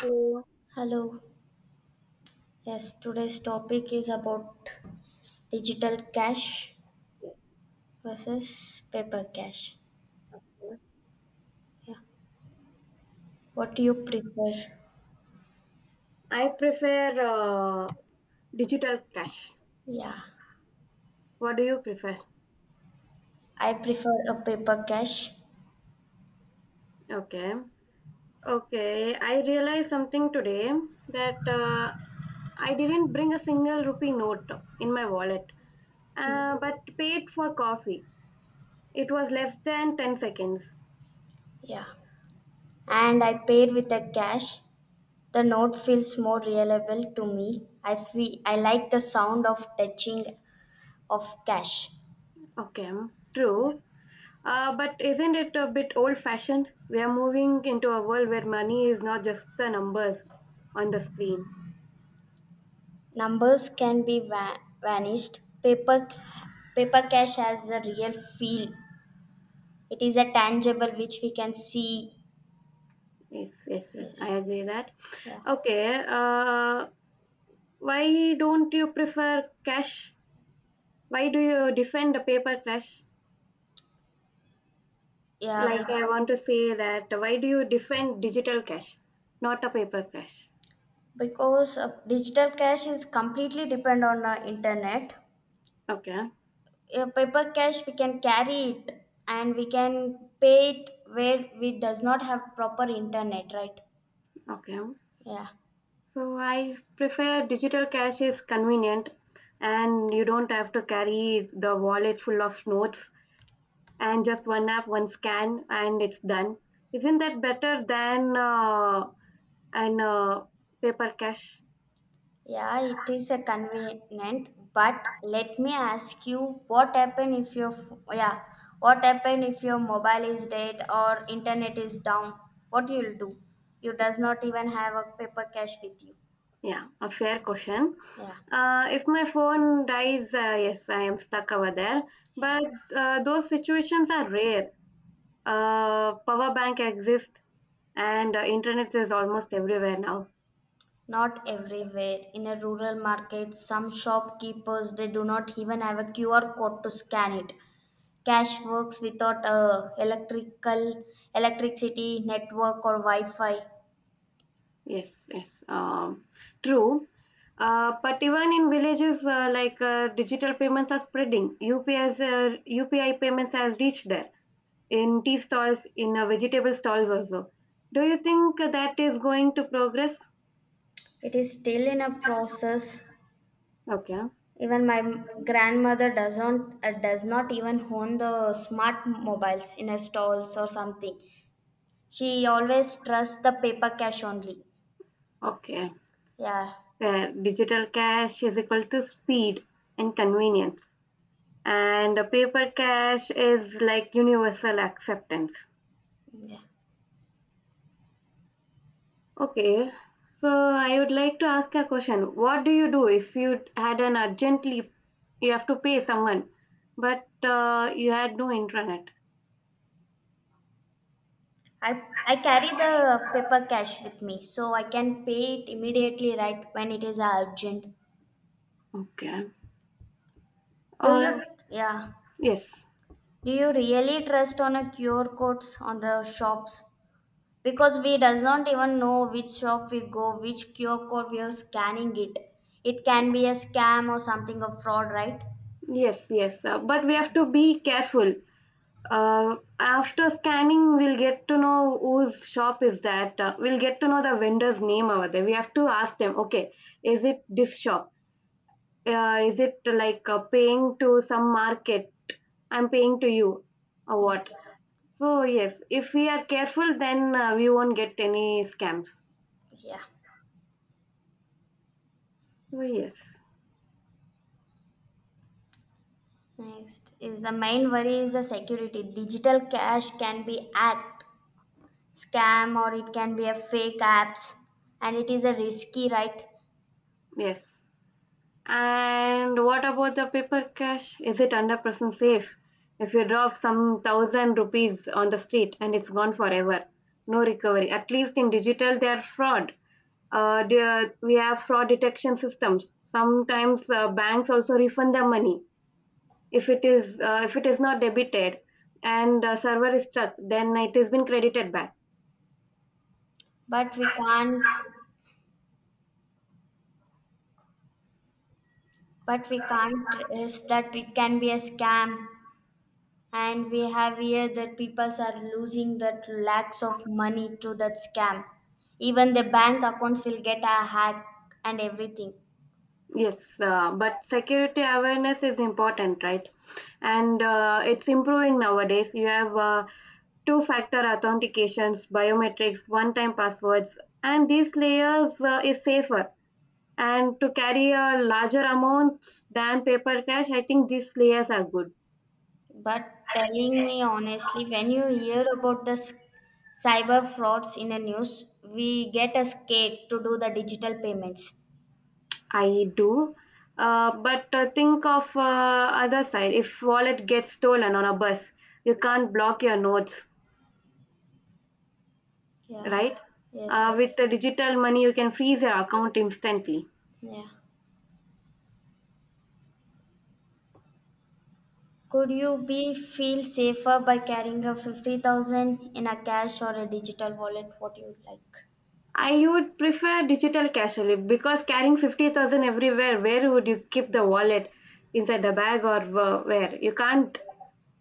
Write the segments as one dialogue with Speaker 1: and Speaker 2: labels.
Speaker 1: So,
Speaker 2: Hello. Yes, today's topic is about digital cash versus paper cash.
Speaker 1: yes.
Speaker 2: Yeah. What do you prefer?
Speaker 1: I prefer uh, digital cash.
Speaker 2: Yeah.
Speaker 1: What do you prefer?
Speaker 2: I prefer a paper cash.
Speaker 1: Okay. Okay, I realized something today that I didn't bring a single rupee note in my wallet, but paid for coffee. It was less than 10 seconds.
Speaker 2: Yeah. And I paid with the cash. The note feels more reliable to me. I feel I like the sound of touching of cash.
Speaker 1: Okay. True. But isn't it a bit old fashioned? We are moving into a world where money is not just the numbers on the screen.
Speaker 2: Numbers can be vanished. Paper cash has a real feel. It is a tangible which we can see.
Speaker 1: Yes. I
Speaker 2: Yes.
Speaker 1: agree that.
Speaker 2: Yeah.
Speaker 1: Okay, why don't you prefer cash? Why do you defend the paper cash?
Speaker 2: Yeah.
Speaker 1: Like I want to say that why do you defend digital cash, not a paper cash?
Speaker 2: Because digital cash is completely depend on internet.
Speaker 1: Okay,
Speaker 2: Paper cash we can carry it and we can pay it where we does not have proper internet, right?
Speaker 1: okay.
Speaker 2: Yeah.
Speaker 1: So I prefer digital cash is convenient, and you don't have to carry the wallet full of notes, and just one app, one scan and it's done. Isn't that better than an paper cash?
Speaker 2: Yeah, it is a convenient, but let me ask you what happen if what happen if your mobile is dead or internet is down? What you'll do? You does not even have a paper cash with you.
Speaker 1: Yeah, a fair question.
Speaker 2: Yeah,
Speaker 1: If my phone dies, yes, I am stuck over there.
Speaker 2: yeah.
Speaker 1: But those situations are rare. Power bank exists, and internet is almost everywhere now.
Speaker 2: Not everywhere. In a rural market, some shopkeepers they do not even have a QR code to scan it. Cash works without a electrical electricity network or Wi-Fi.
Speaker 1: Yes, yes, true. But even in villages, digital payments are spreading. UPI's, UPI payments has reached there in tea stalls, in vegetable stalls also. Do you think that is going to progress?
Speaker 2: It is still in a process.
Speaker 1: Okay,
Speaker 2: Even grandmother does not even own the smart mobiles in her stalls or something. She always trusts the paper cash only.
Speaker 1: okay.
Speaker 2: Yeah,
Speaker 1: Where digital cash is equal to speed and convenience, and a paper cash is like universal acceptance.
Speaker 2: yeah.
Speaker 1: Okay, so I would like to ask a question, what do you do if you had an urgently, you have to pay someone, but you had no internet?
Speaker 2: I carry the paper cash with me, so I can pay it immediately. Right when it is urgent.
Speaker 1: Okay,
Speaker 2: Do you
Speaker 1: or?
Speaker 2: Yeah?
Speaker 1: yes
Speaker 2: Do you really trust on a QR codes on the shops? Because we does not even know which shop we go, which QR code we are scanning it. It can be a scam or something of fraud, right?
Speaker 1: yes yes but we have to be careful. After scanning, we'll get to know whose shop is that. We'll get to know the vendor's name over there. We have to ask them, okay, is it this shop? Is it like paying to some market? I'm paying to you, or
Speaker 2: Yeah,
Speaker 1: what? So, yes, if we are careful, then we won't get any scams.
Speaker 2: yeah.
Speaker 1: So, yes,
Speaker 2: Next is the main worry is the security. Digital cash can be hacked, scam, or it can be a fake apps, and it is a risky, right?
Speaker 1: yes. And what about the paper cash? Is it 100% safe? If you drop some thousand rupees on the street and it's gone forever, no recovery. At least in digital, they are fraud. We have fraud detection systems. Sometimes banks also refund the money if it is not debited and server is stuck, then it has been credited back.
Speaker 2: but we can't but we can't risk that it can be a scam, and we have here that people are losing that lakhs of money to that scam. Even the bank accounts will get a hack and everything.
Speaker 1: Yes, but security awareness is important, right? And it's improving nowadays. You have two factor authentications, biometrics, one time passwords, and these layers is safer. And to carry a larger amount than paper cash, I think these layers are good.
Speaker 2: But telling me honestly, when you hear about cyber frauds in the news, we get a scared to do the digital payments.
Speaker 1: I do. But Think of other side. If wallet gets stolen on a bus, you can't block your notes,
Speaker 2: Yeah,
Speaker 1: right?
Speaker 2: yes, yes.
Speaker 1: With the digital money, you can freeze your account instantly.
Speaker 2: Yeah, could you be feel safer by carrying a 50,000 in a cash or a digital wallet? What you like?
Speaker 1: I would prefer digital cash only because carrying 50,000 everywhere, where would you keep the wallet? Inside the bag or where? You can't.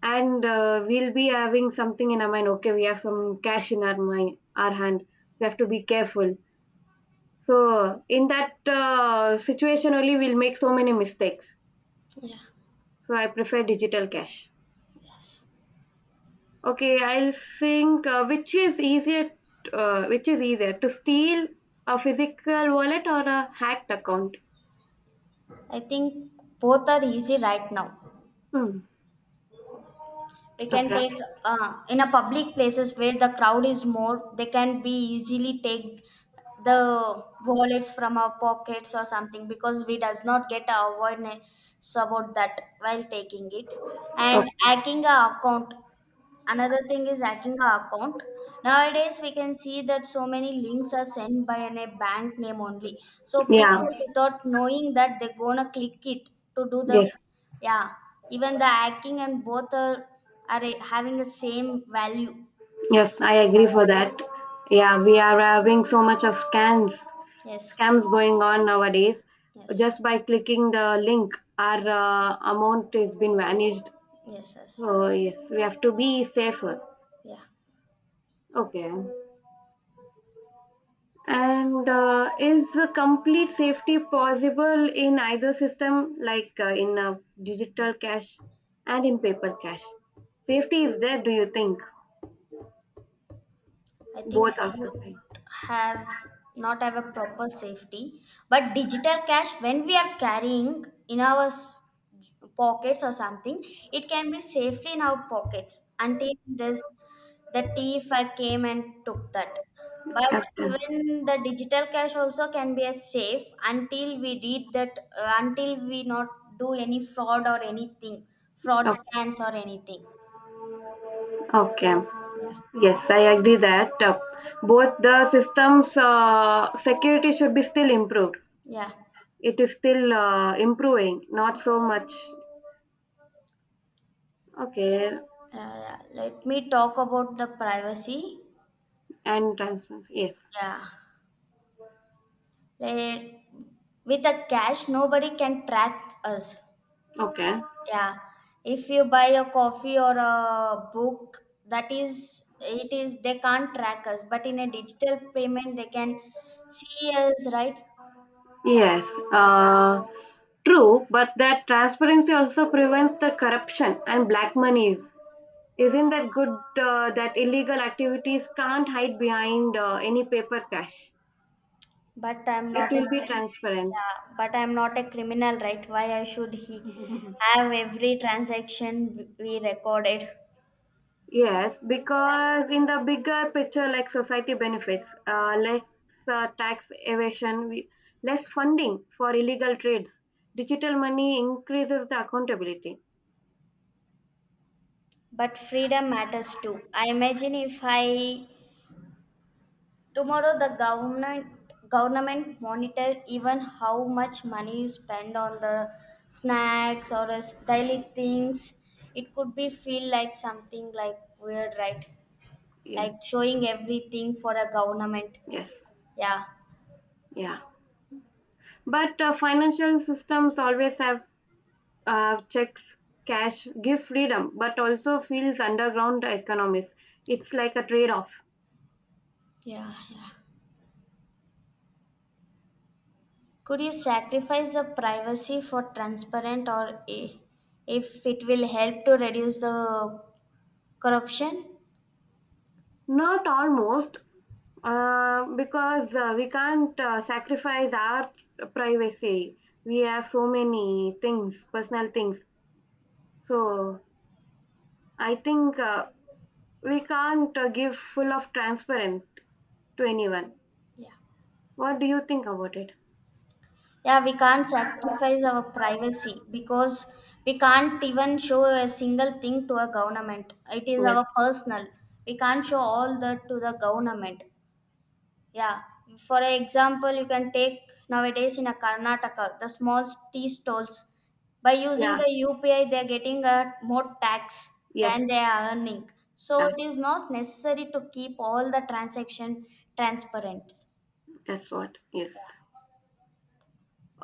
Speaker 1: And we'll be having something in our mind. Okay, we have some cash in our mind, our hand. We have to be careful. So in that situation only, we'll make so many mistakes.
Speaker 2: Yeah.
Speaker 1: So I prefer digital cash.
Speaker 2: Yes,
Speaker 1: Okay, I'll think which is easier to steal, a physical wallet or a hacked account.
Speaker 2: I think both are easy right now.
Speaker 1: Hmm.
Speaker 2: We can
Speaker 1: Okay.
Speaker 2: take in a public places where the crowd is more, they can be easily take the wallets from our pockets or something because we does not get awareness about that while taking it.
Speaker 1: Oh,
Speaker 2: And hacking a account Another thing is hacking our account. Nowadays, we can see that so many links are sent by an, a bank name only. So people,
Speaker 1: yeah.
Speaker 2: without knowing that, they're gonna click it to do the,
Speaker 1: Yes.
Speaker 2: yeah. Even the hacking and both are having the same value.
Speaker 1: Yes, I agree for that. Yeah, we are having so much of
Speaker 2: Yes,
Speaker 1: scams going on nowadays.
Speaker 2: yes,
Speaker 1: Just by clicking the link, our
Speaker 2: yes,
Speaker 1: amount has been vanished.
Speaker 2: yes, yes.
Speaker 1: So yes, we have to be safer.
Speaker 2: Yeah.
Speaker 1: Okay. And is complete safety possible in either system, like in digital cash and in paper cash? Safety is there, do you think?
Speaker 2: I think
Speaker 1: Both are the
Speaker 2: both
Speaker 1: same.
Speaker 2: have not have a proper safety, but digital cash when we are carrying in our pockets or something, it can be safely in our pockets until this the thief came and took that. But
Speaker 1: Captain.
Speaker 2: even the digital cash also can be as safe until we did that until we not do any fraud or anything, fraud
Speaker 1: Okay.
Speaker 2: scans or anything.
Speaker 1: Okay.
Speaker 2: Yeah.
Speaker 1: Yes, I agree that both the systems security should be still improved.
Speaker 2: Yeah.
Speaker 1: It is still improving, not so much. Okay.
Speaker 2: Let me talk about the privacy.
Speaker 1: And transparency. Yes.
Speaker 2: Yeah. Let, with a cash, nobody can track us.
Speaker 1: Okay.
Speaker 2: Yeah. If you buy a coffee or a book, that is, it is, they can't track us. But in a digital payment, they can see us, right?
Speaker 1: Yes.
Speaker 2: Yeah.
Speaker 1: Uh, True, but that transparency also prevents the corruption and black monies. Isn't that good that illegal activities can't hide behind any paper cash?
Speaker 2: But I'm
Speaker 1: It
Speaker 2: not a
Speaker 1: will be
Speaker 2: criminal.
Speaker 1: transparent.
Speaker 2: Yeah. But I'm not a criminal, right? Why I should he have every transaction we recorded?
Speaker 1: Yes,
Speaker 2: Yeah.
Speaker 1: because in the bigger picture, like society benefits, less tax evasion, less funding for illegal trades, digital money increases the accountability.
Speaker 2: But freedom matters too. I imagine if I tomorrow the government monitor even how much money you spend on the snacks or as daily things, it could be feel like something like weird, right?
Speaker 1: Yes,
Speaker 2: Like showing everything for a government.
Speaker 1: yes,
Speaker 2: Yeah.
Speaker 1: yeah. But financial systems always have checks, cash gives freedom, but also feels underground economies. It's like a trade off.
Speaker 2: Yeah, yeah. Could you sacrifice the privacy for transparent or if it will help to reduce the corruption?
Speaker 1: Not almost. Because we can't sacrifice our privacy. We have so many things, personal things. So I think we can't give full of transparent to anyone.
Speaker 2: Yeah.
Speaker 1: What do you think about it?
Speaker 2: Yeah, we can't sacrifice our privacy because we can't even show a single thing to a government. It is
Speaker 1: Yes.
Speaker 2: our personal. We can't show all that to the government. Yeah. For example, you can take nowadays in a Karnataka the small tea stalls. By using the
Speaker 1: Yeah.
Speaker 2: UPI, they are getting a more tax
Speaker 1: Yes.
Speaker 2: than they are earning. So
Speaker 1: That's,
Speaker 2: it is not necessary to keep all the transaction transparent.
Speaker 1: that's what. Yes.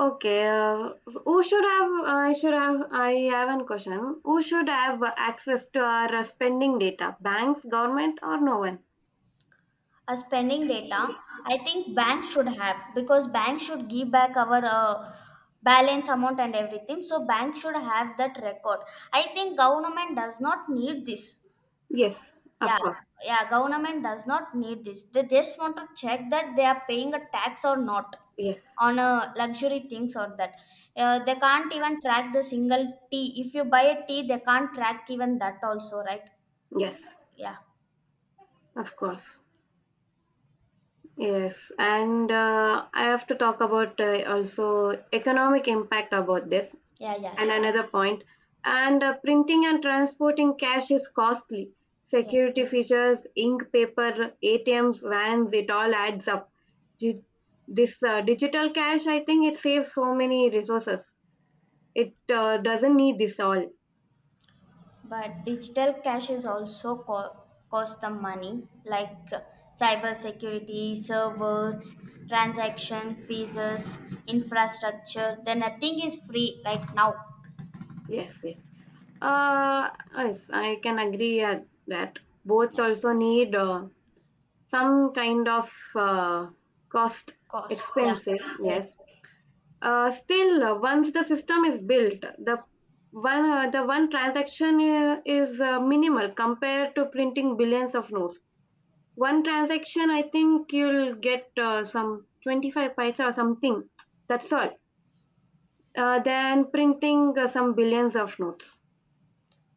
Speaker 1: Okay. Who should have? I should have. I have an question. Who should have access to our spending data? Banks, government, or no one?
Speaker 2: Uh, spending data, I think banks should have because banks should give back our balance amount and everything, so bank should have that record. I think government does not need this.
Speaker 1: Yes.
Speaker 2: Yeah,
Speaker 1: Of course.
Speaker 2: yeah, government does not need this. They just want to check that they are paying a tax or not
Speaker 1: Yes,
Speaker 2: on a luxury things or that. Uh, they can't even track the single tea. If you buy a tea, they can't track even that also, right?
Speaker 1: yes,
Speaker 2: Yeah,
Speaker 1: of course. Yes, and I have to talk about also economic impact about this
Speaker 2: yeah, yeah,
Speaker 1: and
Speaker 2: yeah,
Speaker 1: another point. And printing and transporting cash is costly.
Speaker 2: yeah.
Speaker 1: Security features, ink, paper, ATMs, vans, it all adds up. Di- This digital cash, I think it saves so many resources. It doesn't need this all.
Speaker 2: But digital caches also cost them money, like cybersecurity, servers, transaction fees, infrastructure. Then nothing is free right now.
Speaker 1: Yes, yes. Uh, yes, I can agree at that. Both
Speaker 2: Yeah.
Speaker 1: also need some kind of cost
Speaker 2: Cost, yeah.
Speaker 1: expensive. Yes.
Speaker 2: Ex-
Speaker 1: Still, once the system is built, the one transaction is minimal compared to printing billions of notes. One transaction, I think you'll get some 25 paisa or something. That's all. Than printing some billions of notes.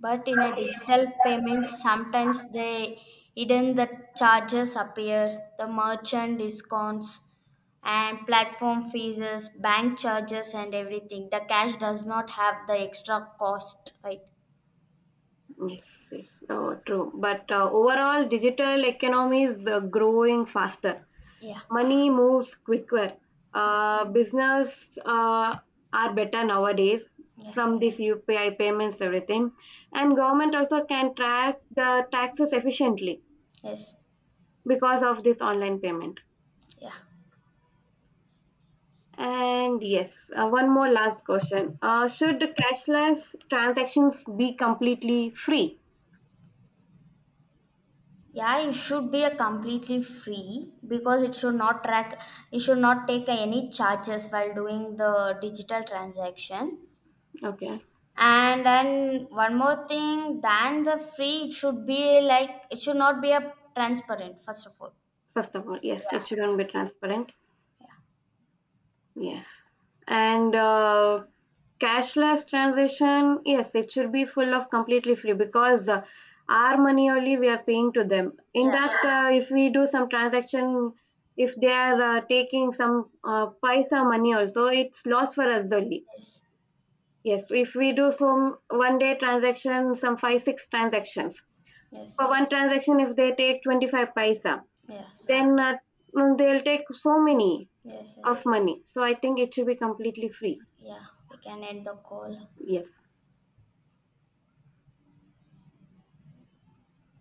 Speaker 2: But in a digital payment, sometimes they hidden the charges appear, the merchant discounts, and platform fees, bank charges, and everything. The cash does not have the extra cost, right?
Speaker 1: Yes, yes, Oh, true. But overall, digital economy is growing faster.
Speaker 2: Yeah.
Speaker 1: Money moves quicker.
Speaker 2: Yeah,
Speaker 1: Business are better nowadays
Speaker 2: yeah,
Speaker 1: from this UPI payments, everything. And government also can track the taxes efficiently
Speaker 2: yes,
Speaker 1: because of this online payment.
Speaker 2: yeah,
Speaker 1: And yes, one more last question. Should the cashless transactions be completely free?
Speaker 2: yeah. It should be a completely free because it should not track. It should not take any charges while doing the digital transaction.
Speaker 1: Okay,
Speaker 2: And then one more thing, than the free, it should be like it should not be a transparent. First of all,
Speaker 1: first of all, yes,
Speaker 2: yeah,
Speaker 1: it shouldn't be transparent.
Speaker 2: yeah,
Speaker 1: Yes. And cashless transaction, yes, it should be full of completely free because our money only we are paying to them. In
Speaker 2: yeah.
Speaker 1: that, if we do some transaction, if they are taking some paisa money also, it's loss for us only.
Speaker 2: Yes,
Speaker 1: Yes, if we do some one day transaction, some five, six transactions. For
Speaker 2: yes,
Speaker 1: one transaction, if they take 25 paisa,
Speaker 2: yes,
Speaker 1: then they'll take so many
Speaker 2: yes, yes.
Speaker 1: of money. So I think it should be completely free.
Speaker 2: Yeah, we can end the call.
Speaker 1: Yes